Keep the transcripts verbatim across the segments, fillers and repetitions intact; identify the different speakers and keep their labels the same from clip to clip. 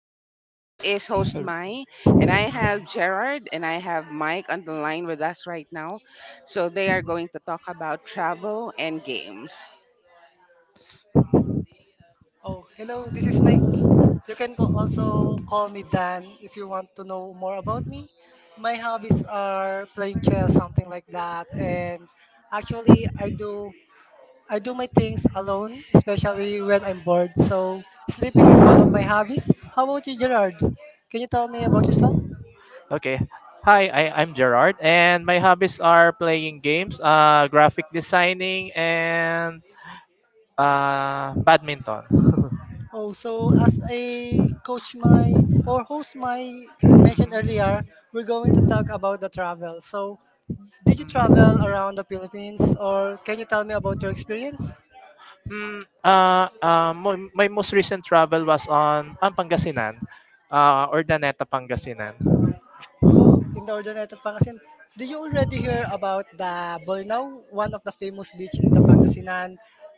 Speaker 1: So this is host Mai, and I have Gerard and I have Mike on the line with us right now. So they are going to talk about travel and games.
Speaker 2: Oh, hello. This is my. You can co- also call me Dan if you want to know more about me. My hobbies are playing chess, something like that, and actually, I do I do my things alone, especially when I'm bored. So sleeping is one of my hobbies. How about you, Gerard? Can you tell me about yourself?
Speaker 3: Okay. Hi, I, I'm Gerard, and my hobbies are playing games, uh, graphic designing, and uh, badminton.
Speaker 2: Oh, so as a coach my or host my mentioned earlier, we're going to talk about the travel. So, did you travel around the Philippines or can you tell me about your experience?
Speaker 3: Mm, uh, uh, my, my most recent travel was on ang Pangasinan, uh, Urdaneta, Pangasinan.
Speaker 2: Oh, in the Ordaneta, Pangasinan. Did you already hear about the Bolinao, one of the famous beach in the Pangasinan?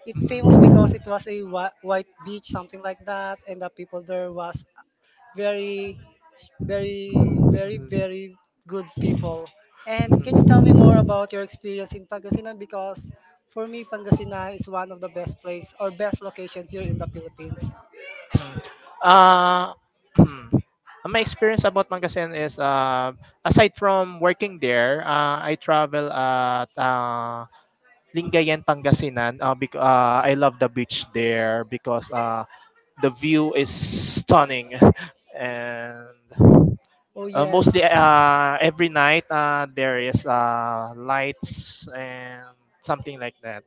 Speaker 2: It famous because
Speaker 3: Mhm.
Speaker 2: it was a whi- white beach, something like that, and the people there was very,
Speaker 3: Mhm.
Speaker 2: very,
Speaker 3: Mhm.
Speaker 2: very, very good people. And can you tell me more
Speaker 3: Mm.
Speaker 2: about your experience in Pangasinan? Because for me, Pangasinan is one of the best place or best location here in the Philippines.
Speaker 3: Uh, my experience about Mangasen is, uh, aside from working there. uh, I travel at uh, Lingayen, Pangasinan. Uh, bec- uh, I love the beach there because uh, the view is stunning. And
Speaker 2: Oh,
Speaker 3: Uh,
Speaker 2: yes.
Speaker 3: mostly uh, every night uh, there is uh, lights and something like that.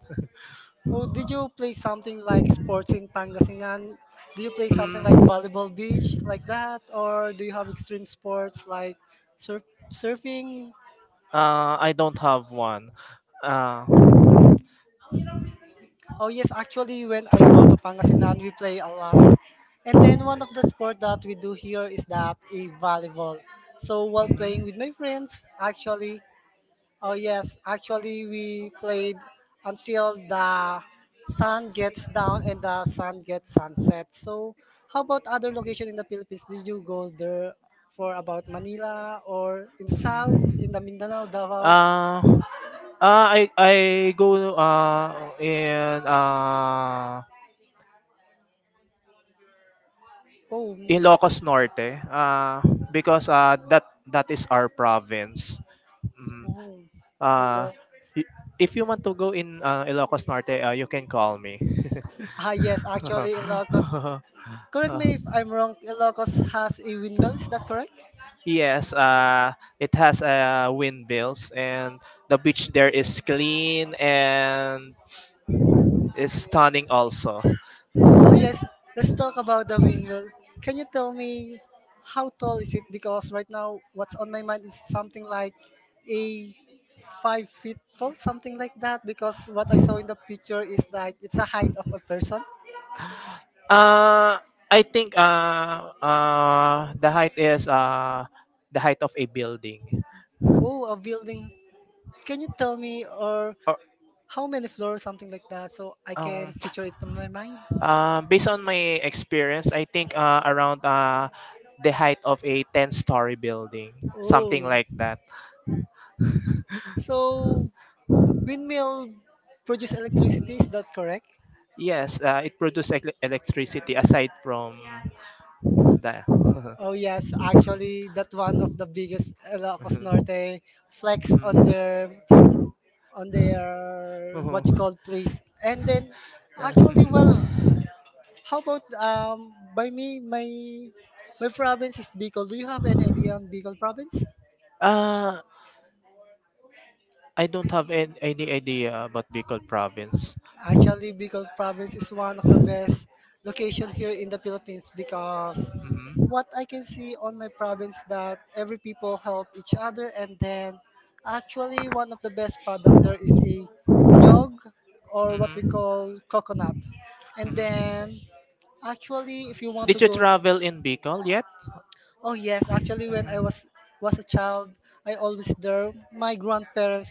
Speaker 2: Oh, did you play something like sports in Pangasinan? Do you play something like
Speaker 3: Mm,
Speaker 2: volleyball beach like that? Or do you have extreme sports like surf surfing?
Speaker 3: uh, I don't have one. Uh,
Speaker 2: Oh yes, actually when I go to Pangasinan we play a lot. And then one of the sport that we do here is that a volleyball. So while playing with my friends, actually, oh yes, actually we played until the sun gets down and the sun gets sunset. So how about other location in the Philippines? Did you go there for about Manila or in the south, in
Speaker 3: mhm.
Speaker 2: the Mindanao, Davao?
Speaker 3: Uh, Uh, I I go uh in uh
Speaker 2: Oh, m-
Speaker 3: in Locos Norte uh because uh that that is our province. Mm.
Speaker 2: oh,
Speaker 3: Uh
Speaker 2: hello.
Speaker 3: y- if you want to go in uh, Ilocos Norte, uh, you can call me.
Speaker 2: Ah yes, actually Ilocos. Correct me if I'm wrong, Ilocos has a windmill, is that correct?
Speaker 3: Yes, uh, it has uh, windmills, and the beach there is clean and is stunning also.
Speaker 2: Oh yes, let's talk about the windmill. Can you tell me how tall is it? Because right now, what's on my mind is something like a five feet tall, something like that. Because what I saw in the picture is that it's a height of a person.
Speaker 3: Uh, I think uh uh the height is uh the height of a building.
Speaker 2: Oh, a building. Can you tell me or
Speaker 3: Or
Speaker 2: how many floors, something like that, so I
Speaker 3: um
Speaker 2: can picture it in my mind?
Speaker 3: uh, Based on my experience, I think uh around uh the height of a ten-story building, something
Speaker 2: Oh,
Speaker 3: like that.
Speaker 2: so windmill produce electricity? Is that correct?
Speaker 3: Yes, uh, it produces elec- electricity aside from the.
Speaker 2: Oh yes, actually, that one of the biggest eh, Ilocos Norte flex on
Speaker 3: Mhm.
Speaker 2: their on their
Speaker 3: Mhm.
Speaker 2: what you call place. And then, actually, well,
Speaker 3: Mhm.
Speaker 2: how about um by me my my province is Bicol. Do you have any idea on Bicol province?
Speaker 3: Uh, I don't have an- any idea about Bicol province.
Speaker 2: Actually,
Speaker 3: Mhm.
Speaker 2: Bicol province is one of the best location here in the Philippines because
Speaker 3: Mhm.
Speaker 2: what I can see on my province that every people help each other and then actually one of the best product there is a
Speaker 3: Mhm.
Speaker 2: nyog or what we call coconut. And then actually if you want to
Speaker 3: Did you
Speaker 2: go,
Speaker 3: travel in Bicol yet?
Speaker 2: oh yes, actually when I
Speaker 3: Mhm.
Speaker 2: was was a child, I always there. My grandparents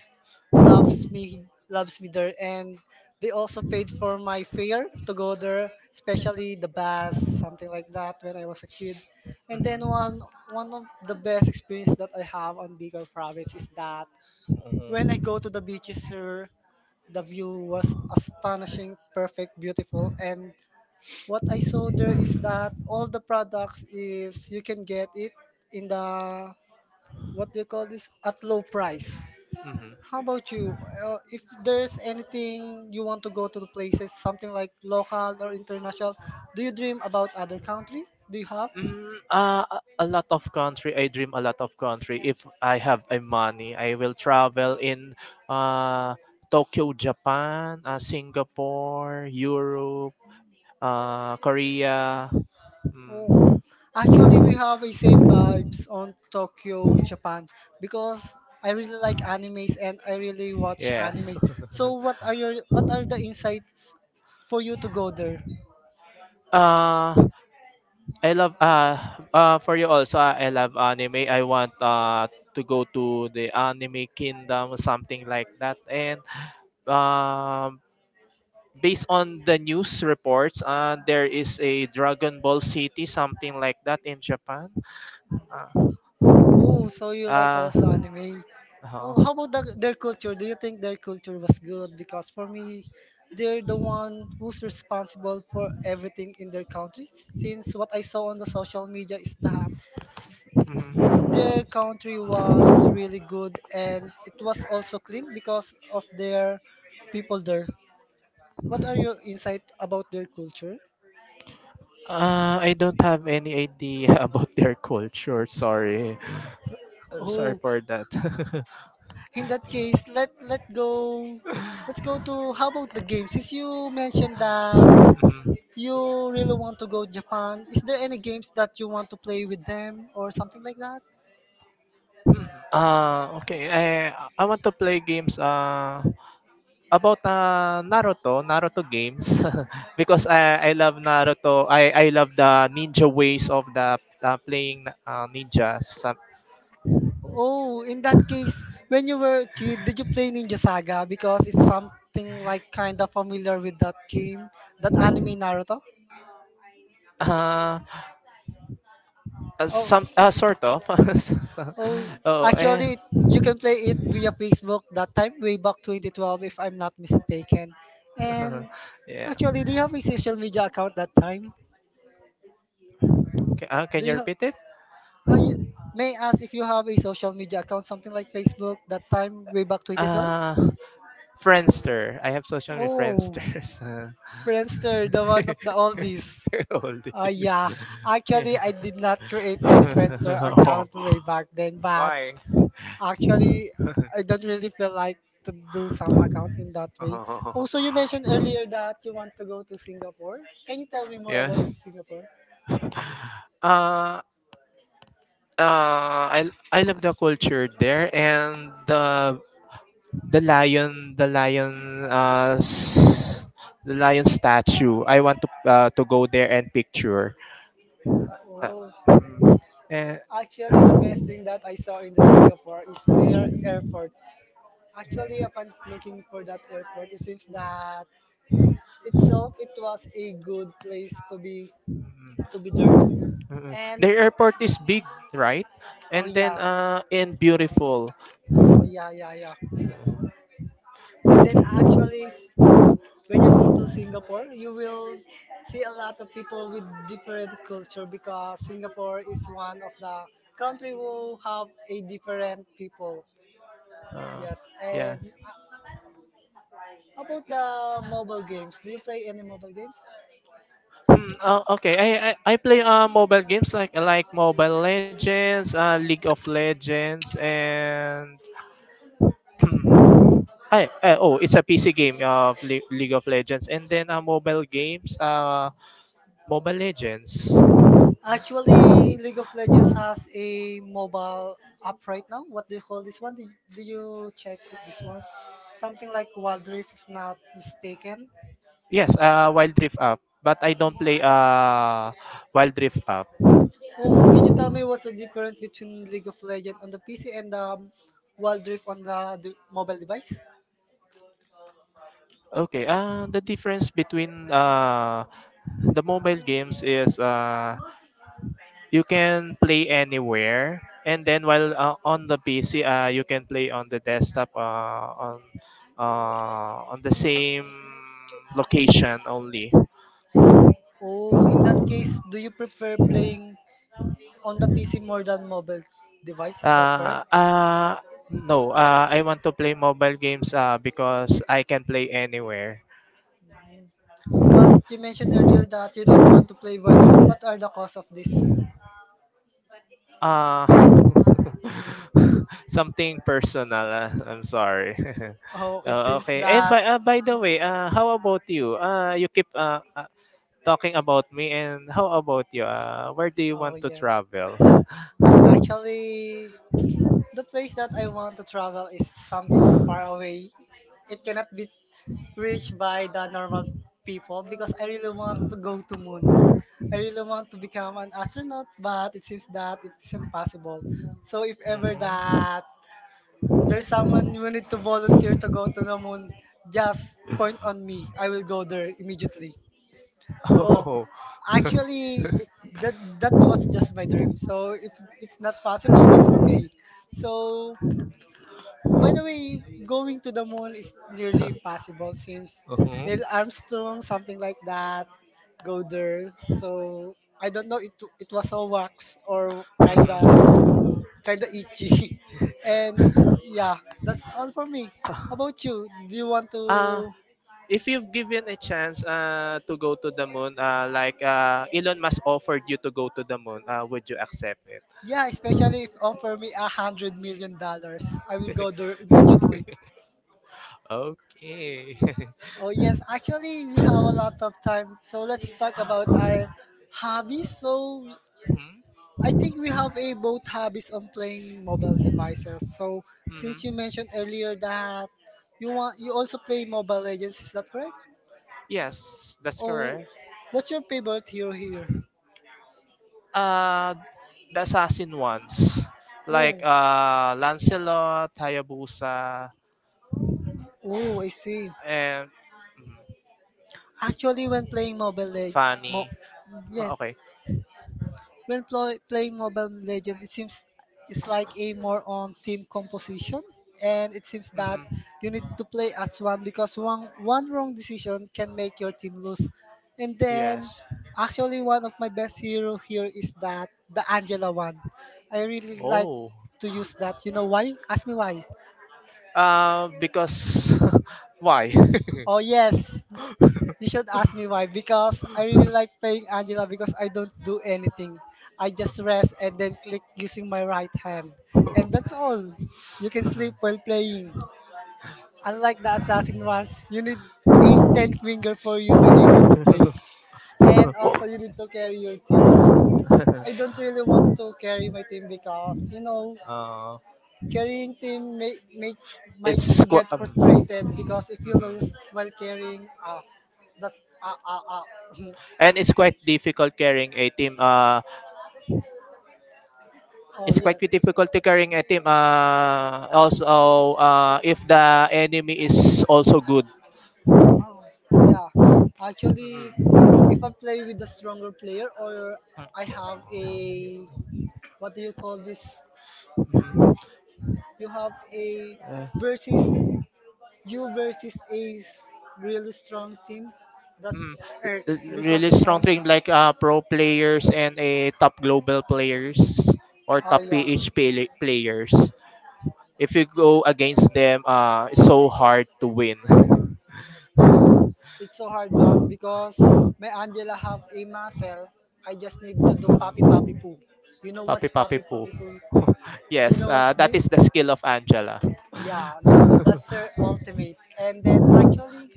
Speaker 2: loves me loves me there and they also paid for my fare to go there, especially the bus, something like that when I was a kid. And then one one of the best experience that I have on Bicol province is that when I
Speaker 3: when
Speaker 2: go to the beaches here, the view was astonishing, perfect, beautiful and what I saw there is that all the products is you can get it in the what do you call this at low price. How about you? Uh, if there's anything you want to go to the places, something like local or international, do you dream about other country? Do you have?
Speaker 3: Mm, uh, a a lot of country. I dream a lot of country. If I have a money, I will travel in uh, Tokyo, Japan, uh, Singapore, Europe, uh, Korea.
Speaker 2: Oh,
Speaker 3: Mm.
Speaker 2: actually, we have the same vibes on Tokyo, Japan, because I really like animes and I really watch
Speaker 3: Yes.
Speaker 2: animes. So, what are your what are the insights for you to go there?
Speaker 3: Uh, I love uh uh for you also. uh, I love anime. I want uh to go to the anime kingdom, something like that. And um based on the news reports uh there is a Dragon Ball City, something like that, in Japan. Uh,
Speaker 2: Oh, so you like
Speaker 3: uh,
Speaker 2: also anime.
Speaker 3: uh
Speaker 2: Oh, how about the, their culture? Do you think their culture was good? Because for me, they're the one who's responsible for everything in their country. Since what I saw on the social media is that their country was really good and it
Speaker 3: mhm.
Speaker 2: was also clean because of their people there. What are your insight about their culture?
Speaker 3: Uh, I don't have any idea about their culture. Sorry. I'm sorry
Speaker 2: Oh,
Speaker 3: for that.
Speaker 2: in that case, let let go. Let's go to how about the game? Since you mentioned that
Speaker 3: Mhm.
Speaker 2: you really want to go Japan, is there any games that you want to play with them or something like that?
Speaker 3: Uh, okay. I I want to play games uh about uh Naruto, Naruto games, because I I love Naruto. I I love the ninja ways of the uh, playing uh, ninjas. Some-
Speaker 2: Oh, in that case, when you were a kid, did you play Ninja Saga? Because it's something like kind of familiar with that game, that anime Naruto.
Speaker 3: Uh, Uh,
Speaker 2: Oh,
Speaker 3: some uh, sort of.
Speaker 2: oh,
Speaker 3: Oh. And
Speaker 2: actually, you can play it via Facebook that time, way back twenty twelve, if I'm not mistaken. And
Speaker 3: yeah.
Speaker 2: actually, do you have a social media account that time?
Speaker 3: Ca- Uh, can
Speaker 2: Do
Speaker 3: you
Speaker 2: you,
Speaker 3: repeat it?
Speaker 2: Uh, you, may I ask if you have a social media account, something like Facebook, that time way back twenty twelve?
Speaker 3: Uh, Friendster. I have social media
Speaker 2: Oh,
Speaker 3: Friendster. so-
Speaker 2: Friendster, the one of the oldies.
Speaker 3: Hold
Speaker 2: Uh, yeah, actually, I did not create any Friendster account way back then, but
Speaker 3: Why?
Speaker 2: actually, I don't really feel like to do some account in that way. Also, you mentioned earlier that you want to go to Singapore. Can you tell me more about
Speaker 3: Yeah.
Speaker 2: Singapore?
Speaker 3: Uh, uh, I I love the culture there, and the the lion the lion uh s- the lion statue. I want to uh, to go there and picture. Uh,
Speaker 2: Oh,
Speaker 3: eh,
Speaker 2: actually, the best thing that I saw in the Singapore is their airport. Actually, upon looking for that airport, it seems that itself it was a good place to be
Speaker 3: mm,
Speaker 2: to be there.
Speaker 3: mm.
Speaker 2: And
Speaker 3: The airport is big, right?
Speaker 2: oh
Speaker 3: And then
Speaker 2: yeah,
Speaker 3: uh and beautiful.
Speaker 2: oh yeah, yeah, yeah. And then actually, when you go to Singapore, you will see a lot of people with different culture because Singapore is one of the country who have a different people.
Speaker 3: Uh,
Speaker 2: Yes.
Speaker 3: yeah.
Speaker 2: And how about the mobile games? Do you play any mobile games?
Speaker 3: Hmm, uh, okay. I, I I play uh mobile games like like Mobile Legends, uh League of Legends, and I, I oh, it's a P C game uh, of Le- League of Legends, and then uh mobile games uh Mobile Legends.
Speaker 2: Actually, League of Legends has a mobile app right now. What do you call this one? Did, did you check this one? Something like Wild Rift, if not mistaken.
Speaker 3: Yes, uh Wild Rift Up, but I don't play uh Wild Rift Up.
Speaker 2: Oh, can you tell me what's the difference between League of Legends on the P C and the Wild Rift on the, the mobile device?
Speaker 3: Okay. Uh, the difference between uh the mobile games is uh you can play anywhere, and then while uh, on the PC uh, you can play on the desktop uh, on uh, on the same location only.
Speaker 2: Oh, in that case, do you prefer playing on the P C more than mobile device? Is that
Speaker 3: uh,
Speaker 2: correct?
Speaker 3: uh, no, uh, I want to play mobile games uh, because I can play anywhere.
Speaker 2: But you mentioned earlier that you don't want to play Wild Rift. What are the cause of this?
Speaker 3: uh, Something personal. ah. I'm sorry.
Speaker 2: Oh, it
Speaker 3: Oh,
Speaker 2: seems
Speaker 3: okay. And
Speaker 2: that.
Speaker 3: by uh, by the way, uh, how about you? Uh, you keep uh, uh, talking about me, and how about you? Uh, where do you
Speaker 2: Oh,
Speaker 3: want to
Speaker 2: yeah.
Speaker 3: travel?
Speaker 2: Actually, the place that I want to travel is something far away. It cannot be reached by the normal people because I really want to go to moon. I really want to become an astronaut, but it seems that it's impossible. So if ever that there's someone you need to volunteer to go to the moon, just point on me. I will go there immediately. Oh,
Speaker 3: Mhm.
Speaker 2: actually, that that
Speaker 3: Oh.
Speaker 2: was just my dream. So if it's not possible, that's okay. So by the way, going to the moon is nearly impossible since Neil Armstrong, something like that, go
Speaker 3: Mhm.
Speaker 2: there. So I don't know. It it was all wax or kinda
Speaker 3: Mhm.
Speaker 2: kinda itchy, and yeah, that's all for me. How about you? Do you want
Speaker 3: Uh,
Speaker 2: to?
Speaker 3: if you've given a chance uh, to go to the moon, uh, like uh, Elon Musk offered you to go to the moon, uh, would you accept it?
Speaker 2: Yeah, especially if offer me a hundred million dollars, I will go there immediately.
Speaker 3: Okay.
Speaker 2: Oh yes, actually we have a lot of time, so let's talk about our hobbies. So
Speaker 3: Mhm.
Speaker 2: I think we have a both hobbies on playing mobile devices. So
Speaker 3: Mhm.
Speaker 2: since you mentioned earlier that you want you also play Mobile Legends, is that correct?
Speaker 3: Yes, that's
Speaker 2: Oh,
Speaker 3: correct.
Speaker 2: what's your favorite hero here?
Speaker 3: uh the assassin ones, like uh Lancelot, Hayabusa,
Speaker 2: Oh, oh, I see.
Speaker 3: and mm,
Speaker 2: Actually, when playing Mobile Legends, mo-
Speaker 3: Fanny. Oh,
Speaker 2: yes,
Speaker 3: okay.
Speaker 2: when ploy- playing Mobile Legends, it seems it's like a more on team composition, and it seems that
Speaker 3: Mm.
Speaker 2: you need to play as one because one one wrong decision can make your team lose. And then,
Speaker 3: Yes.
Speaker 2: actually, one of my best hero here is that the Angela one. I really like
Speaker 3: Oh.
Speaker 2: to use that. You know why? Ask me why.
Speaker 3: Uh because, why?
Speaker 2: Oh yes, you should ask me why. Because I really like playing Angela because I don't do anything. I just rest and then click using my right hand. And that's all. You can sleep while playing. Unlike the assassin ones, you need a ten finger for you to able to play.
Speaker 3: uh,
Speaker 2: And also you need to carry your team. I don't really want to carry my team because you know carrying team may make might
Speaker 3: it's
Speaker 2: you get
Speaker 3: qu- um,
Speaker 2: frustrated
Speaker 3: mhm.
Speaker 2: because if you lose while carrying ah that's ah ah ah
Speaker 3: And it's quite difficult carrying a team. Uh,
Speaker 2: Oh
Speaker 3: it's quite
Speaker 2: yes.
Speaker 3: difficult to carrying a team. Uh, also, uh, if the enemy is also good.
Speaker 2: Oh yeah. Actually, if I play with a stronger player or I have a what do you call this? You have a versus
Speaker 3: Mhm. Uh,
Speaker 2: you versus a s- really strong team. That's
Speaker 3: Mm,
Speaker 2: Earth
Speaker 3: r- really
Speaker 2: because you
Speaker 3: strong
Speaker 2: know.
Speaker 3: team like uh, pro players and a top global players or
Speaker 2: Oh
Speaker 3: top
Speaker 2: yeah.
Speaker 3: P H pla- players. If you go against them, uh, it's so hard to win.
Speaker 2: It's so hard, but because my Angela have a muscle, I just need to do puppy puppy poo. You know
Speaker 3: Papi
Speaker 2: what's
Speaker 3: papi
Speaker 2: puppy
Speaker 3: poo.
Speaker 2: puppy poo?
Speaker 3: Yes,
Speaker 2: You know
Speaker 3: uh,
Speaker 2: what's
Speaker 3: that is
Speaker 2: this?
Speaker 3: the skill of Angela.
Speaker 2: Yeah, that's her ultimate. And then actually,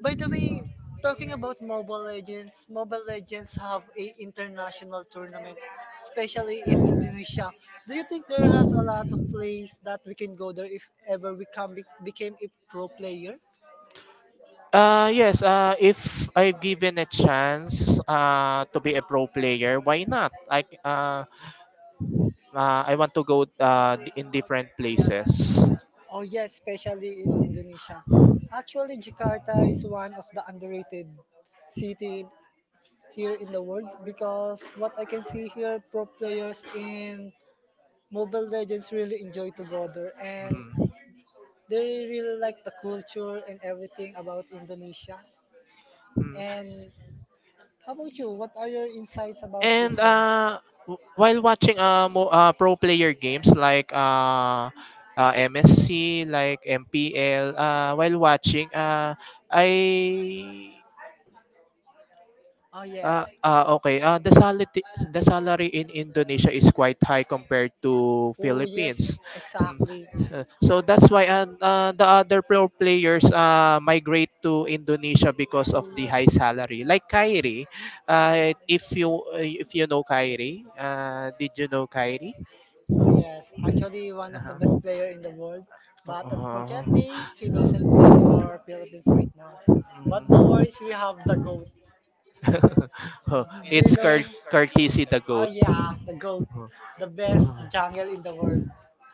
Speaker 2: by the way, talking about Mobile Legends, Mobile Legends have a international tournament, especially in Indonesia. Do you think there has a lot of place that we can go there if ever we come be- became a pro player?
Speaker 3: Uh, yes, uh, if I've given a chance uh, to be a pro player, why not? I, uh, uh, I want to go uh, d- in different places.
Speaker 2: Oh yes, especially in Indonesia. Actually, Jakarta is one of the underrated city here in the world because what I can see here, pro players in Mobile
Speaker 3: Mhm.
Speaker 2: Legends really enjoy to go there and they really like the culture and everything about Indonesia.
Speaker 3: Mm.
Speaker 2: And how about you? What are your insights about
Speaker 3: And
Speaker 2: this one?
Speaker 3: uh, w- while watching uh, mo- uh, pro player games like uh, uh, M S C, like M P L, uh, while watching, uh, I
Speaker 2: Oh uh, yes.
Speaker 3: Ah, ah, okay. Ah, the
Speaker 2: uh,
Speaker 3: salary the salary in Indonesia is quite high compared to
Speaker 2: Oh, yes,
Speaker 3: Philippines. Mm,
Speaker 2: exactly.
Speaker 3: uh, So that's why uh, uh, the other pro players uh, migrate to Indonesia because of
Speaker 2: Oh,
Speaker 3: the high
Speaker 2: yes.
Speaker 3: salary. Like Kyrie, uh, if you uh, if you know Kyrie, uh, did you know Kyrie?
Speaker 2: Oh, yes. Actually, one of the
Speaker 3: Uh-huh.
Speaker 2: best player in the world. But
Speaker 3: Uh-huh.
Speaker 2: unfortunately, he doesn't play for Philippines right now. But no worries, we have the
Speaker 3: Mm.
Speaker 2: GOAT.
Speaker 3: Oh,
Speaker 2: Do you
Speaker 3: it's
Speaker 2: know?
Speaker 3: Car- Cartesi the
Speaker 2: Oh, goat.
Speaker 3: goat.
Speaker 2: Yeah, the GOAT. The best jungle in the world.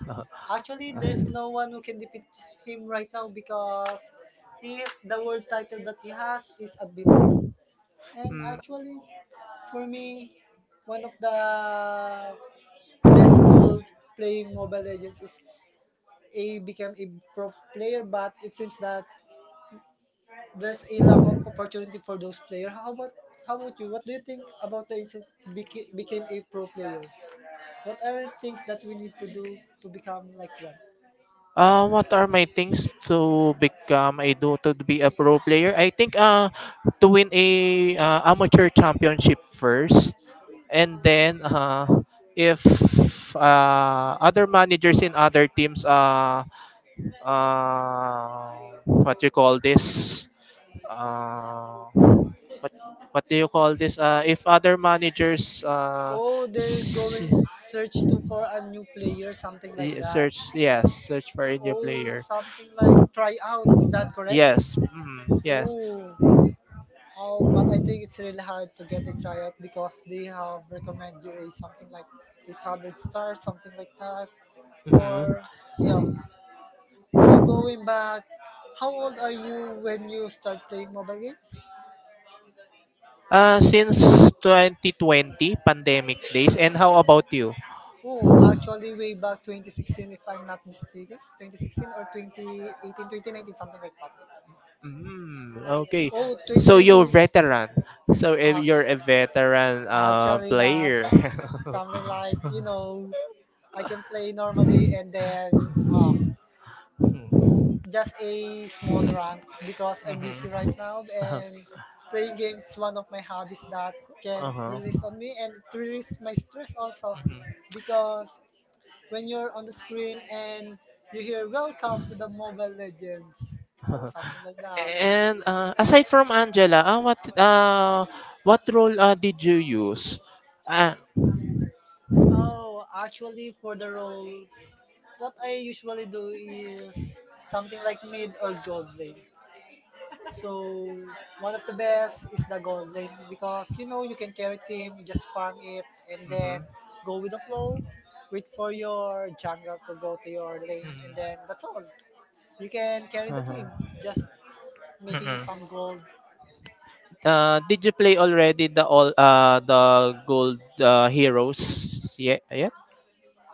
Speaker 3: Oh. Uh,
Speaker 2: Actually, there's no one who can defeat him right now because he, the world title that he has is unbeatable. And
Speaker 3: mm,
Speaker 2: actually, for me, one of the best goal playing Mobile Legends is a become a pro player, but it seems that there's a lack of opportunity for those players. How about how about you? What do you think about the instant beca- became a pro player? What are things that we need to do to become like one?
Speaker 3: Uh, what are my things to become a, do to be a pro player? I think uh to win a uh, amateur championship first, and then uh if uh other managers in other teams uh uh what you call this uh what do you call this? Uh, if other managers uh,
Speaker 2: Oh, they're
Speaker 3: s-
Speaker 2: going search to for a new player, something like
Speaker 3: y-
Speaker 2: that.
Speaker 3: search, yes, search for a new
Speaker 2: Oh,
Speaker 3: player.
Speaker 2: something like try out. Is that correct?
Speaker 3: Yes, mm, yes.
Speaker 2: Oh, Oh, but I think it's really hard to get a tryout because they have recommend you a something like the third star, something like that,
Speaker 3: hmm
Speaker 2: or yeah. So going back, how old are you when you start playing mobile games?
Speaker 3: Uh, since twenty twenty pandemic days, and how about you?
Speaker 2: Oh, actually, way back twenty sixteen, if I'm not mistaken, twenty sixteen or twenty eighteen, twenty nineteen, something like that.
Speaker 3: Mm, okay.
Speaker 2: Oh,
Speaker 3: So you're
Speaker 2: twenty nineteen.
Speaker 3: veteran. So if
Speaker 2: Ah,
Speaker 3: you're a veteran uh,
Speaker 2: actually, not
Speaker 3: player.
Speaker 2: something like you know, I can play normally and then uh,
Speaker 3: Mhm.
Speaker 2: just a small rank because I'm busy
Speaker 3: Mhm.
Speaker 2: right now
Speaker 3: Uh-huh.
Speaker 2: and playing games is one of my hobbies that can
Speaker 3: Uh-huh.
Speaker 2: release on me and it release my stress also because when you're on the screen and you hear welcome to the mobile legends or
Speaker 3: Mhm.
Speaker 2: something like that.
Speaker 3: And uh, aside from Angela, uh, what uh, what role uh, did you use? Uh,
Speaker 2: Oh, actually, for the role, what I usually do is something like mid or gold lane. So one of the best is the gold lane because you know you can carry team, just
Speaker 3: Fun.
Speaker 2: farm it and then
Speaker 3: Mm-hmm.
Speaker 2: go with the flow. Wait for your jungle to go to your
Speaker 3: Mm-hmm.
Speaker 2: lane and
Speaker 3: Mm-hmm.
Speaker 2: then that's all. You can carry the
Speaker 3: Uh-huh.
Speaker 2: team, just making it
Speaker 3: Mm-mm.
Speaker 2: some gold.
Speaker 3: Uh, did you play already the all uh the gold uh, heroes yet? Yet?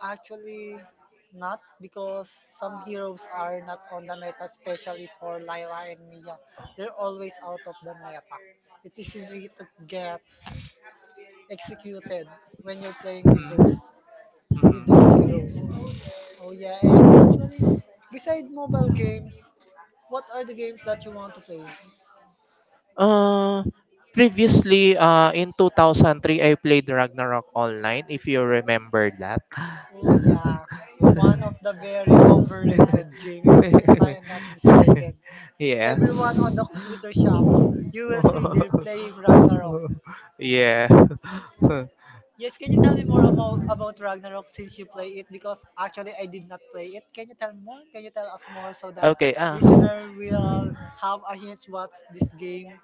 Speaker 2: Actually, not because some heroes are not on the meta, especially for Lila and Mia. They're always out of the meta. It's easy to get executed when you're playing with
Speaker 3: Mm-hmm.
Speaker 2: those
Speaker 3: Heroes.
Speaker 2: with those
Speaker 3: Mm-hmm.
Speaker 2: heroes. Oh yeah, and actually, beside mobile games, what are the games that you want to play?
Speaker 3: Uh, Previously, uh, in two thousand three, I played Ragnarok Online, if you remember that.
Speaker 2: Oh yeah, one of the very overrated games, if I am not mistaken.
Speaker 3: Yes.
Speaker 2: Everyone on the computer shop, you will see they're playing Ragnarok.
Speaker 3: Yeah.
Speaker 2: Yes, can you tell me more about, about Ragnarok since you play it? Because actually I did not play it. Can you tell more? Can you tell us more so that
Speaker 3: Okay. Ah.
Speaker 2: listener will have a hint what's this game?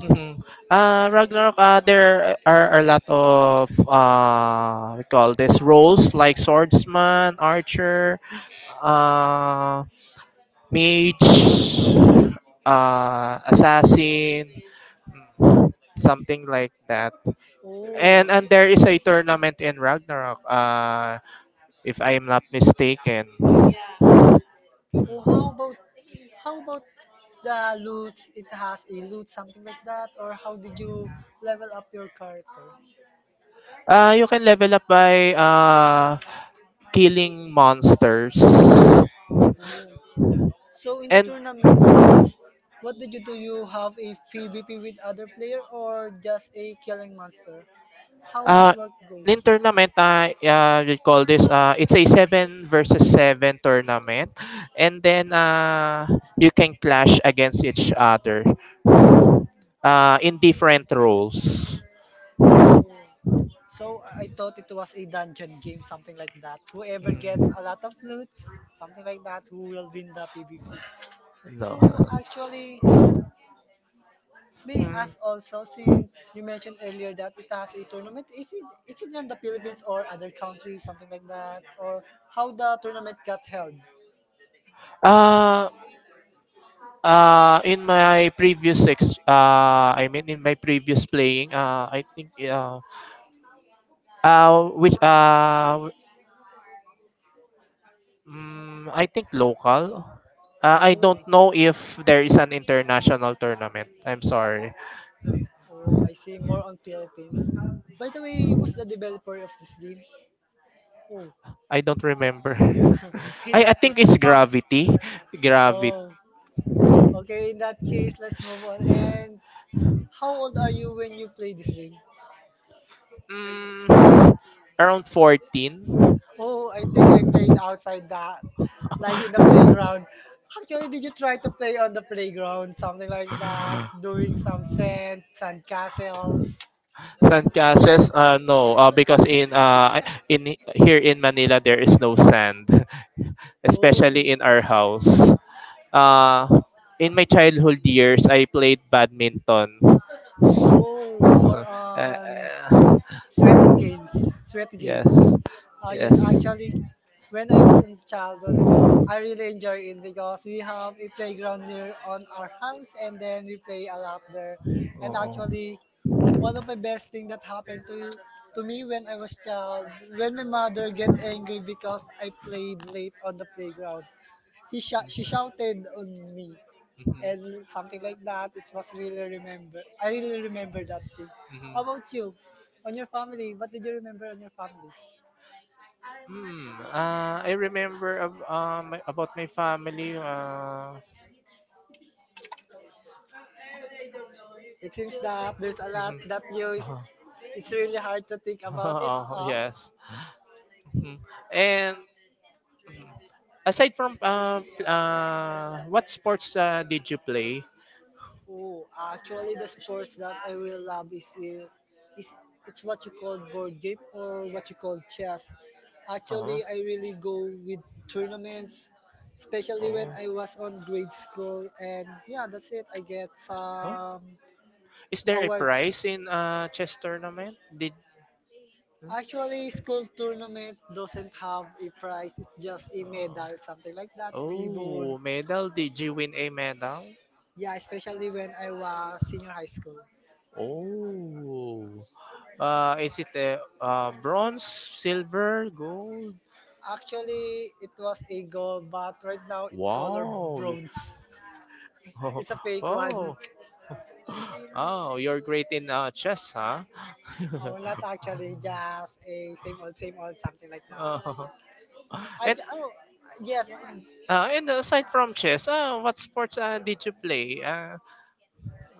Speaker 3: Mhm. Uh, Ragnarok, uh, there are a lot of uh, we call this roles like swordsman, archer, uh, mage, uh, assassin, something like that.
Speaker 2: Oh,
Speaker 3: And and there is a tournament in Ragnarok, uh, if I am not mistaken.
Speaker 2: Oh, how about how about the loot? It has a loot, something like that, or how did you level up your character?
Speaker 3: Uh, you can level up by uh, killing monsters.
Speaker 2: Oh. So in the
Speaker 3: And
Speaker 2: tournament, what did you do? You have a PvP with other player or just a killing monster? How this
Speaker 3: uh,
Speaker 2: work goes?
Speaker 3: in tournament, uh, uh, we call this, uh, it's a seven versus seven tournament. And then uh, you can clash against each other uh, in different roles.
Speaker 2: Oh. So I thought it was a dungeon game, something like that. Whoever gets a lot of
Speaker 3: Mm.
Speaker 2: loots, something like that, who will win the PvP.
Speaker 3: No.
Speaker 2: So
Speaker 3: So
Speaker 2: actually, may I
Speaker 3: Mm.
Speaker 2: ask also, since you mentioned earlier that it has a tournament, is it, is it in the Philippines or other countries, something like that? Or how the tournament got held?
Speaker 3: Uh, uh, in my previous ex, uh, I mean in my previous playing, uh, I think, uh, uh, which, uh, Mm, I think local. Uh, I don't know
Speaker 2: Oh,
Speaker 3: if there is an international tournament. I'm sorry.
Speaker 2: oh, I see more on Philippines. By the way, who's the developer of this game? Oh,
Speaker 3: I don't remember.
Speaker 2: in
Speaker 3: I, I
Speaker 2: that
Speaker 3: think
Speaker 2: case.
Speaker 3: it's
Speaker 2: Oh,
Speaker 3: Gravity. Gravity.
Speaker 2: oh, okay, in that case, let's move on. And how old are you when you play this game?
Speaker 3: Mm, around fourteen.
Speaker 2: Oh, I think I played outside the like in the playground. Actually, did you try to play on the playground, something like that, doing some sand, sand castles?
Speaker 3: Sand castles? Uh, no, uh, because in uh, in here in Manila there is no sand,
Speaker 2: Especially
Speaker 3: especially in our house. Uh, in my childhood years, I played badminton.
Speaker 2: oh, in our oh, more on
Speaker 3: Uh,
Speaker 2: sweating games, sweat
Speaker 3: yes.
Speaker 2: games. Uh, yes,
Speaker 3: Yes.
Speaker 2: actually, when I was in childhood, I really enjoy it because we have a playground near on our house, and then we play a lot there. And
Speaker 3: Oo. Mhm.
Speaker 2: actually, one of my best thing that happened to to me when I was child, when my mother get angry because I played late on the playground, he sh- she shouted on me and something like that. It was really remember. I really remember that thing. How about
Speaker 3: Mhm.
Speaker 2: you? On your family, what did you remember on your family?
Speaker 3: Hmm. Uh, I remember ab- uh, my, about my family. Uh,
Speaker 2: It seems that there's a lot
Speaker 3: mhm.
Speaker 2: that you is,
Speaker 3: Uh-huh.
Speaker 2: it's really hard to think about it
Speaker 3: Oh,
Speaker 2: all.
Speaker 3: yes. Mhm. And Mhm. Aside from uh, p- uh, what sports uh, did you play?
Speaker 2: Oh, actually, the sports that I really love is, uh, is it's what you call board game or what you call chess.
Speaker 3: Uh-huh.
Speaker 2: Actually, I really go with tournaments, especially when I was
Speaker 3: Oh.
Speaker 2: on grade school. And yeah, that's it. I get
Speaker 3: Huh?
Speaker 2: some
Speaker 3: Is there a
Speaker 2: awards.
Speaker 3: prize in uh, chess tournament? Did
Speaker 2: Actually,
Speaker 3: Hmm?
Speaker 2: school tournament doesn't have a prize. It's just a medal, something like that, ribbon.
Speaker 3: Oh, medal. Did you win a medal?
Speaker 2: Yeah, especially when I was senior high school.
Speaker 3: Oh. Uh, is it a uh, bronze, silver, gold?
Speaker 2: Actually, it was a gold, but
Speaker 3: Right
Speaker 2: right
Speaker 3: now,
Speaker 2: now
Speaker 3: it's our
Speaker 2: it's color
Speaker 3: Wow.
Speaker 2: bronze. It's a fake one.
Speaker 3: Oh, oh, oh, you're great in uh, chess, huh? No,
Speaker 2: Oh,
Speaker 3: not
Speaker 2: not actually,
Speaker 3: actually.
Speaker 2: just a same old, same old, something like that.
Speaker 3: Oh! And
Speaker 2: I j-
Speaker 3: actually,
Speaker 2: oh, yes. I-
Speaker 3: uh, and aside from chess, uh, what sports uh, did you play? Uh,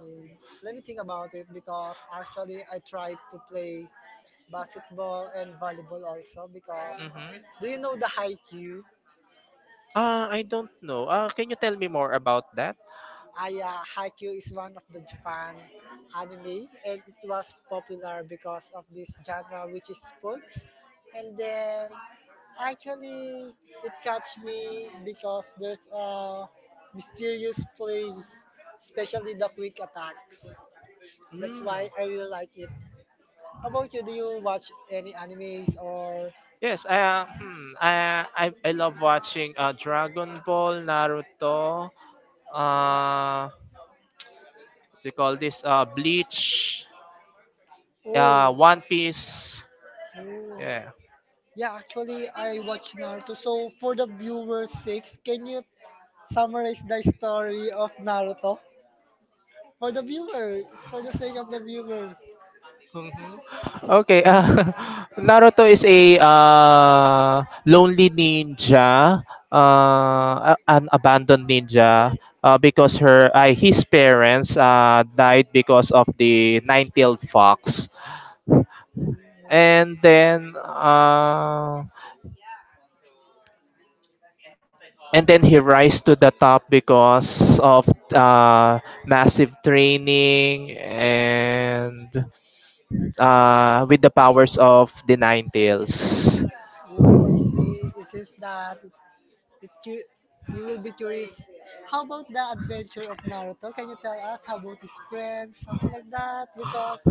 Speaker 2: mm, let me think about it because actually I tried to play
Speaker 3: Basketball
Speaker 2: basketball
Speaker 3: and
Speaker 2: and
Speaker 3: volleyball.
Speaker 2: volleyball also because do
Speaker 3: Mhm.
Speaker 2: you know the high Q?
Speaker 3: uh, I don't know. Uh, can you tell me more about that?
Speaker 2: Aya Haikyuu is one of the Japan anime and it was popular because of this genre which is sports and then actually it catch me because there's a mysterious play especially the quick attacks.
Speaker 3: That's
Speaker 2: That's
Speaker 3: Mm.
Speaker 2: why
Speaker 3: why
Speaker 2: I
Speaker 3: I really
Speaker 2: really
Speaker 3: like
Speaker 2: like it.
Speaker 3: it.
Speaker 2: How about you? Do you watch any animes or
Speaker 3: Yes, uh, hmm, I, I I love watching uh, Dragon Ball, Naruto, uh, they call this uh, Bleach, uh,
Speaker 2: oh?
Speaker 3: One Piece.
Speaker 2: Oh.
Speaker 3: Yeah.
Speaker 2: Yeah, actually, I watch Naruto. So, for the viewer's sake, can you summarize the story of Naruto for the viewer. It's for the sake of the viewer.
Speaker 3: Mhm. Okay. Uh, Naruto is a uh, lonely ninja, uh, a- an abandoned ninja, uh, because her uh, his parents uh, died because of the nine-tailed fox,
Speaker 2: Oh,
Speaker 3: and then uh, and then he rise to the top because of uh, massive training and uh, with the powers of the Nine Tails.
Speaker 2: oh, I see. It seems that it, it cu- you will be curious. How about the adventure of Naruto? Can you tell us how about his friends, something like that? Because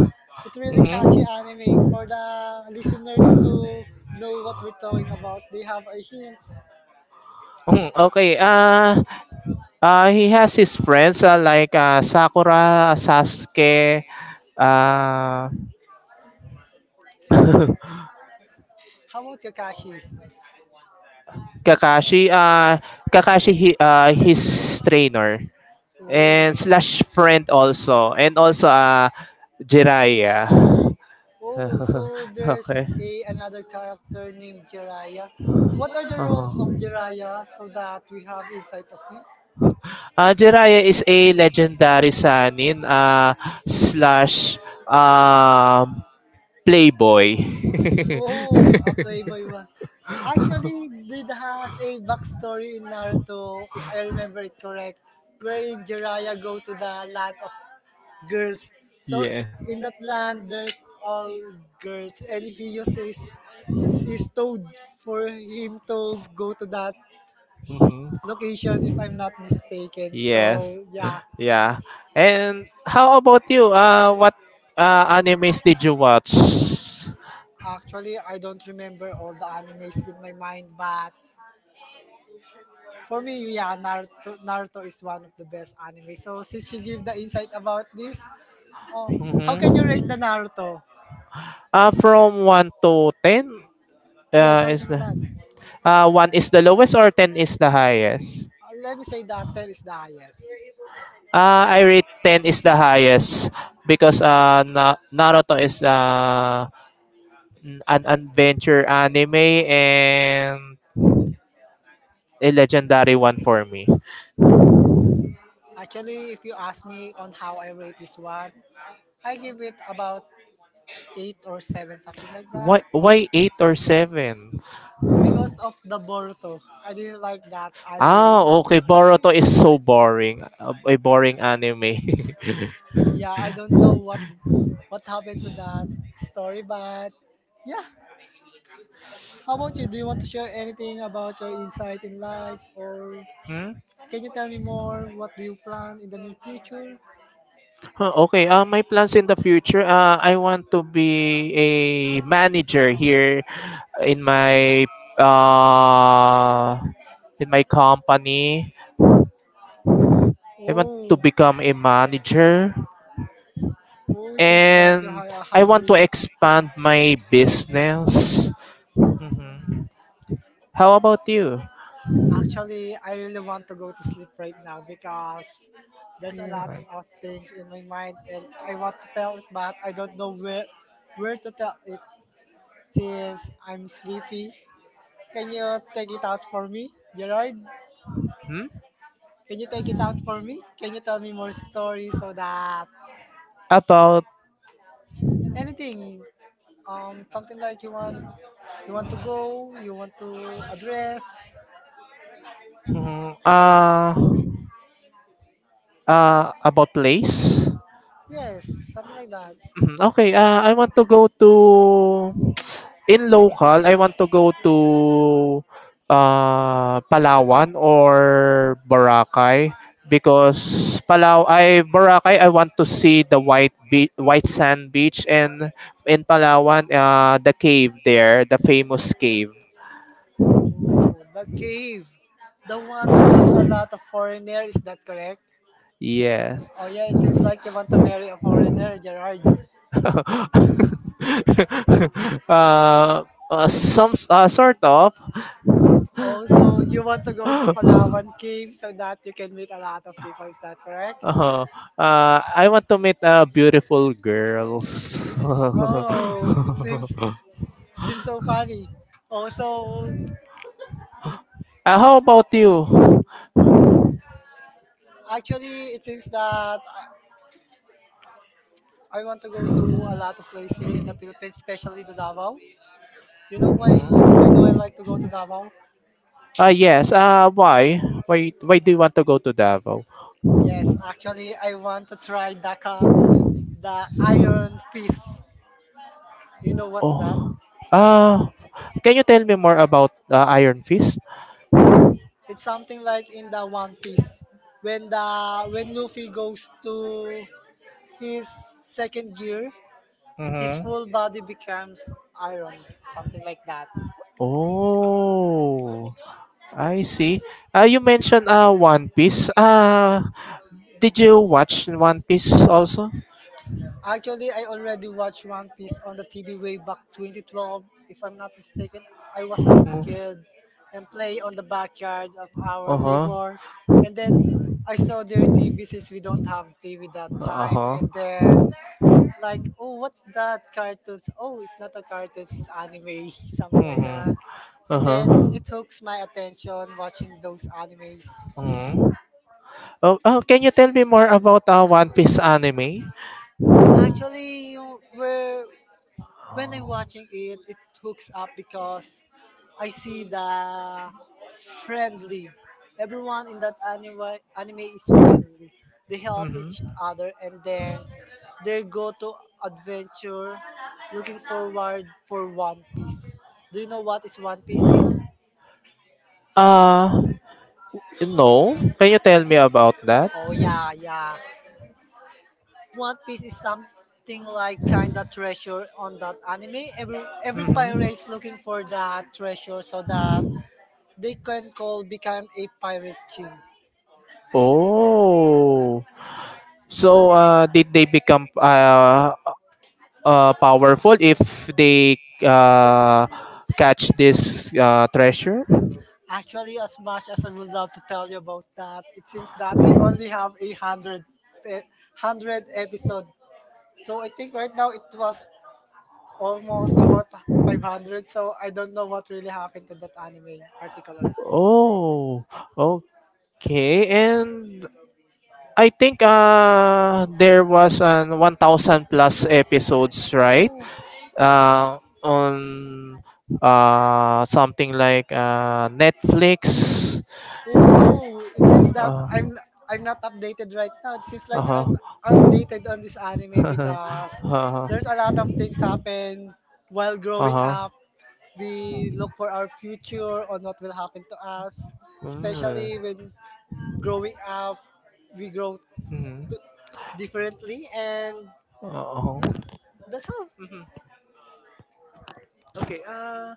Speaker 2: it's really catchy anime for the listener to know what we're talking about. They have a hint.
Speaker 3: Mm, okay. Uh, uh, he has his friends uh, like uh, Sakura, Sasuke, uh,
Speaker 2: How about Kakashi?
Speaker 3: Kakashi. Uh, Kakashi, he, uh, his trainer.
Speaker 2: Oh.
Speaker 3: And slash friend also, and also uh Jiraya.
Speaker 2: Oh, so there's
Speaker 3: Okay.
Speaker 2: a another character named Jiraiya. What are the
Speaker 3: Uh-huh.
Speaker 2: roles of Jiraiya so that we have insight of him?
Speaker 3: Uh, Jiraiya is a legendary sanin uh, slash um, playboy.
Speaker 2: Oh, a playboy one. Actually, did has a backstory in Naruto, if I remember it correct, wherein Jiraiya go to the land of girls. So
Speaker 3: Yeah.
Speaker 2: in that land, there's all girls, and he uses his toad for him to go to that
Speaker 3: Mhm.
Speaker 2: location if I'm not mistaken. So
Speaker 3: Yes.
Speaker 2: yeah,
Speaker 3: Yeah. And how about you? Uh, what uh, animes did you watch?
Speaker 2: actually I don't remember all the animes in my mind, but for me, yeah, Naruto, Naruto is one of the best anime. So since you give the insight about this, oh, how can you rate the
Speaker 3: Mhm.
Speaker 2: Naruto?
Speaker 3: Uh, from one to ten
Speaker 2: Yeah,
Speaker 3: uh, is
Speaker 2: something like
Speaker 3: the
Speaker 2: that.
Speaker 3: uh, one is the lowest, or ten is the highest?
Speaker 2: Uh, Let me say that ten is the highest.
Speaker 3: Uh, I rate ten is the highest because uh, Na- Naruto is uh, n- an adventure anime and a legendary one for me.
Speaker 2: Actually, if you ask me on how I rate this one, I give it about eight or seven something like that.
Speaker 3: Why why eight or seven?
Speaker 2: Because of the Boruto. I didn't like that
Speaker 3: Ah,
Speaker 2: anime.
Speaker 3: okay. Boruto is so boring. A, a boring anime.
Speaker 2: Yeah, I don't know what what happened to that story, but yeah. How about you? Do you want to share anything about your insight in life, or
Speaker 3: Hmm?
Speaker 2: can you tell me more? What do you plan in the near future?
Speaker 3: Huh, Okay, uh, my plans in the future, uh, I want to be a manager here in my uh, in my company.
Speaker 2: I.
Speaker 3: I want to
Speaker 2: Oh,
Speaker 3: become a manager.
Speaker 2: oh, it seems that you
Speaker 3: And
Speaker 2: have a
Speaker 3: I
Speaker 2: high
Speaker 3: want
Speaker 2: dream.
Speaker 3: to expand my business. hmm How about you?
Speaker 2: Actually, I really want to go to sleep right now because there's a lot
Speaker 3: Right.
Speaker 2: of things in my mind and I want to tell it, but I don't know where where to tell it. Since I'm sleepy. Can you take it out for me, Gerard?
Speaker 3: Hmm?
Speaker 2: Can you take it out for me? Can you tell me more stories so that
Speaker 3: About
Speaker 2: anything, um, something like you want, you want to go, you want to address,
Speaker 3: mm, uh uh about place?
Speaker 2: yes, something like that.
Speaker 3: Mhm, okay, ah, I want to go to in local, I want to go to uh, Palawan or Boracay, because Palaw I Boracay, I want to see the white be- white sand beach, and in Palawan uh, the cave there, the famous cave.
Speaker 2: Oh, the cave, the one that has a lot of foreigner, is that correct?
Speaker 3: Yes.
Speaker 2: Oh yeah, it seems like you want to marry a foreigner, Gerard.
Speaker 3: uh, uh, some uh, sort of.
Speaker 2: Oh, so you want to go to Palawan Cave so that you can meet a lot of people, is that correct?
Speaker 3: Oh, uh, I want to meet uh, beautiful girls.
Speaker 2: Oh, it seems seems so funny. Oh, so
Speaker 3: Oh, really? Uh, how about you? I
Speaker 2: actually, it seems that I, I want to go to a lot of places here in the Philippines, especially the Davao. You know
Speaker 3: Mhm.
Speaker 2: why? Why do I
Speaker 3: Mhm.
Speaker 2: like to go to Davao?
Speaker 3: Ah yes. Uh, why? Why? Why do you want to go to Davao?
Speaker 2: Yes, actually, I want to try Dhaka, the Iron Fist. You know what's that?
Speaker 3: Oh. Uh, can you tell me more about uh, Iron Fist? It's
Speaker 2: It's something like in the One Piece when the when Luffy goes to his second gear, his
Speaker 3: Mm-hmm. Full
Speaker 2: full
Speaker 3: body.
Speaker 2: body becomes iron, something like that.
Speaker 3: Oh, I see. Uh, you mentioned uh, One Piece. Uh, did you watch One Piece also?
Speaker 2: Actually, I already watched One Piece on the T V way back twenty twelve. If I'm not mistaken, I was a
Speaker 3: Mhm.
Speaker 2: kid and play on the backyard of our neighbor.
Speaker 3: Uh-huh.
Speaker 2: And then I saw their T V since we don't have T V that time.
Speaker 3: Uh-huh.
Speaker 2: And then like, oh, what's that cartoons? Oh, it's not a cartoon, it's anime, something like that.
Speaker 3: Mhm.
Speaker 2: And
Speaker 3: Uh-huh.
Speaker 2: then it hooks my attention watching those animes.
Speaker 3: Mhm. Oh, oh, can you tell me more about uh, One Piece anime?
Speaker 2: Actually, you know, where when I'm watching it, it hooks up because I see the friendly. Everyone in that anime anime is friendly. They help
Speaker 3: Mm-hmm.
Speaker 2: each other and then they go to adventure looking forward for One Piece. Do you know what is One Piece?
Speaker 3: Uh, no. Can you tell me about that?
Speaker 2: Oh yeah, yeah. One Piece is something like kinda treasure on that anime. Every every
Speaker 3: Hmm
Speaker 2: pirate is looking for that treasure so that
Speaker 3: the
Speaker 2: they can call become a pirate king.
Speaker 3: Oh. So, uh, did they become uh, uh, powerful if they uh, catch this uh, treasure?
Speaker 2: Actually, as much as I would love to tell you about that, it seems that I only have a hundred, e- hundred episode. So I think right now it was almost about five hundred. So I don't know what really happened to that anime particularly.
Speaker 3: Oh, okay. And I think uh, there was an a thousand plus episodes, right?
Speaker 2: Oh,
Speaker 3: Uh, on uh, something like uh, Netflix.
Speaker 2: ooh, it seems that
Speaker 3: Uh,
Speaker 2: I'm I'm not updated right now. It seems like I'm
Speaker 3: uh-huh.
Speaker 2: outdated on this anime because
Speaker 3: Uh-huh.
Speaker 2: there's a lot of things happen while growing
Speaker 3: Uh-huh.
Speaker 2: up. We look for our future on what will happen to us,
Speaker 3: Mm.
Speaker 2: especially when growing up, we grow
Speaker 3: Mm-hmm.
Speaker 2: t- differently. And
Speaker 3: when. Uh-huh.
Speaker 2: yeah, that's all.
Speaker 3: Mhm. okay uh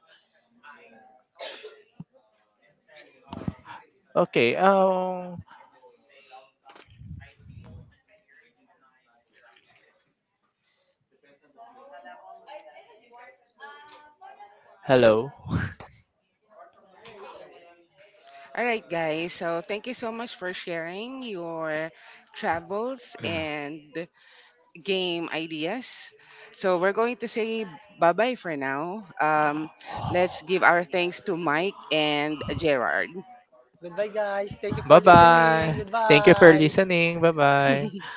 Speaker 3: Okay. Um. Hello.
Speaker 1: All right, guys. So thank you so much for sharing your travels and game ideas. So we're going to say bye bye for now. Um, let's give our thanks to Mike and Gerard.
Speaker 2: Goodbye, guys. Thank you for listening.
Speaker 3: Bye-bye. Thank you for
Speaker 2: Goodbye.
Speaker 3: listening. Bye-bye.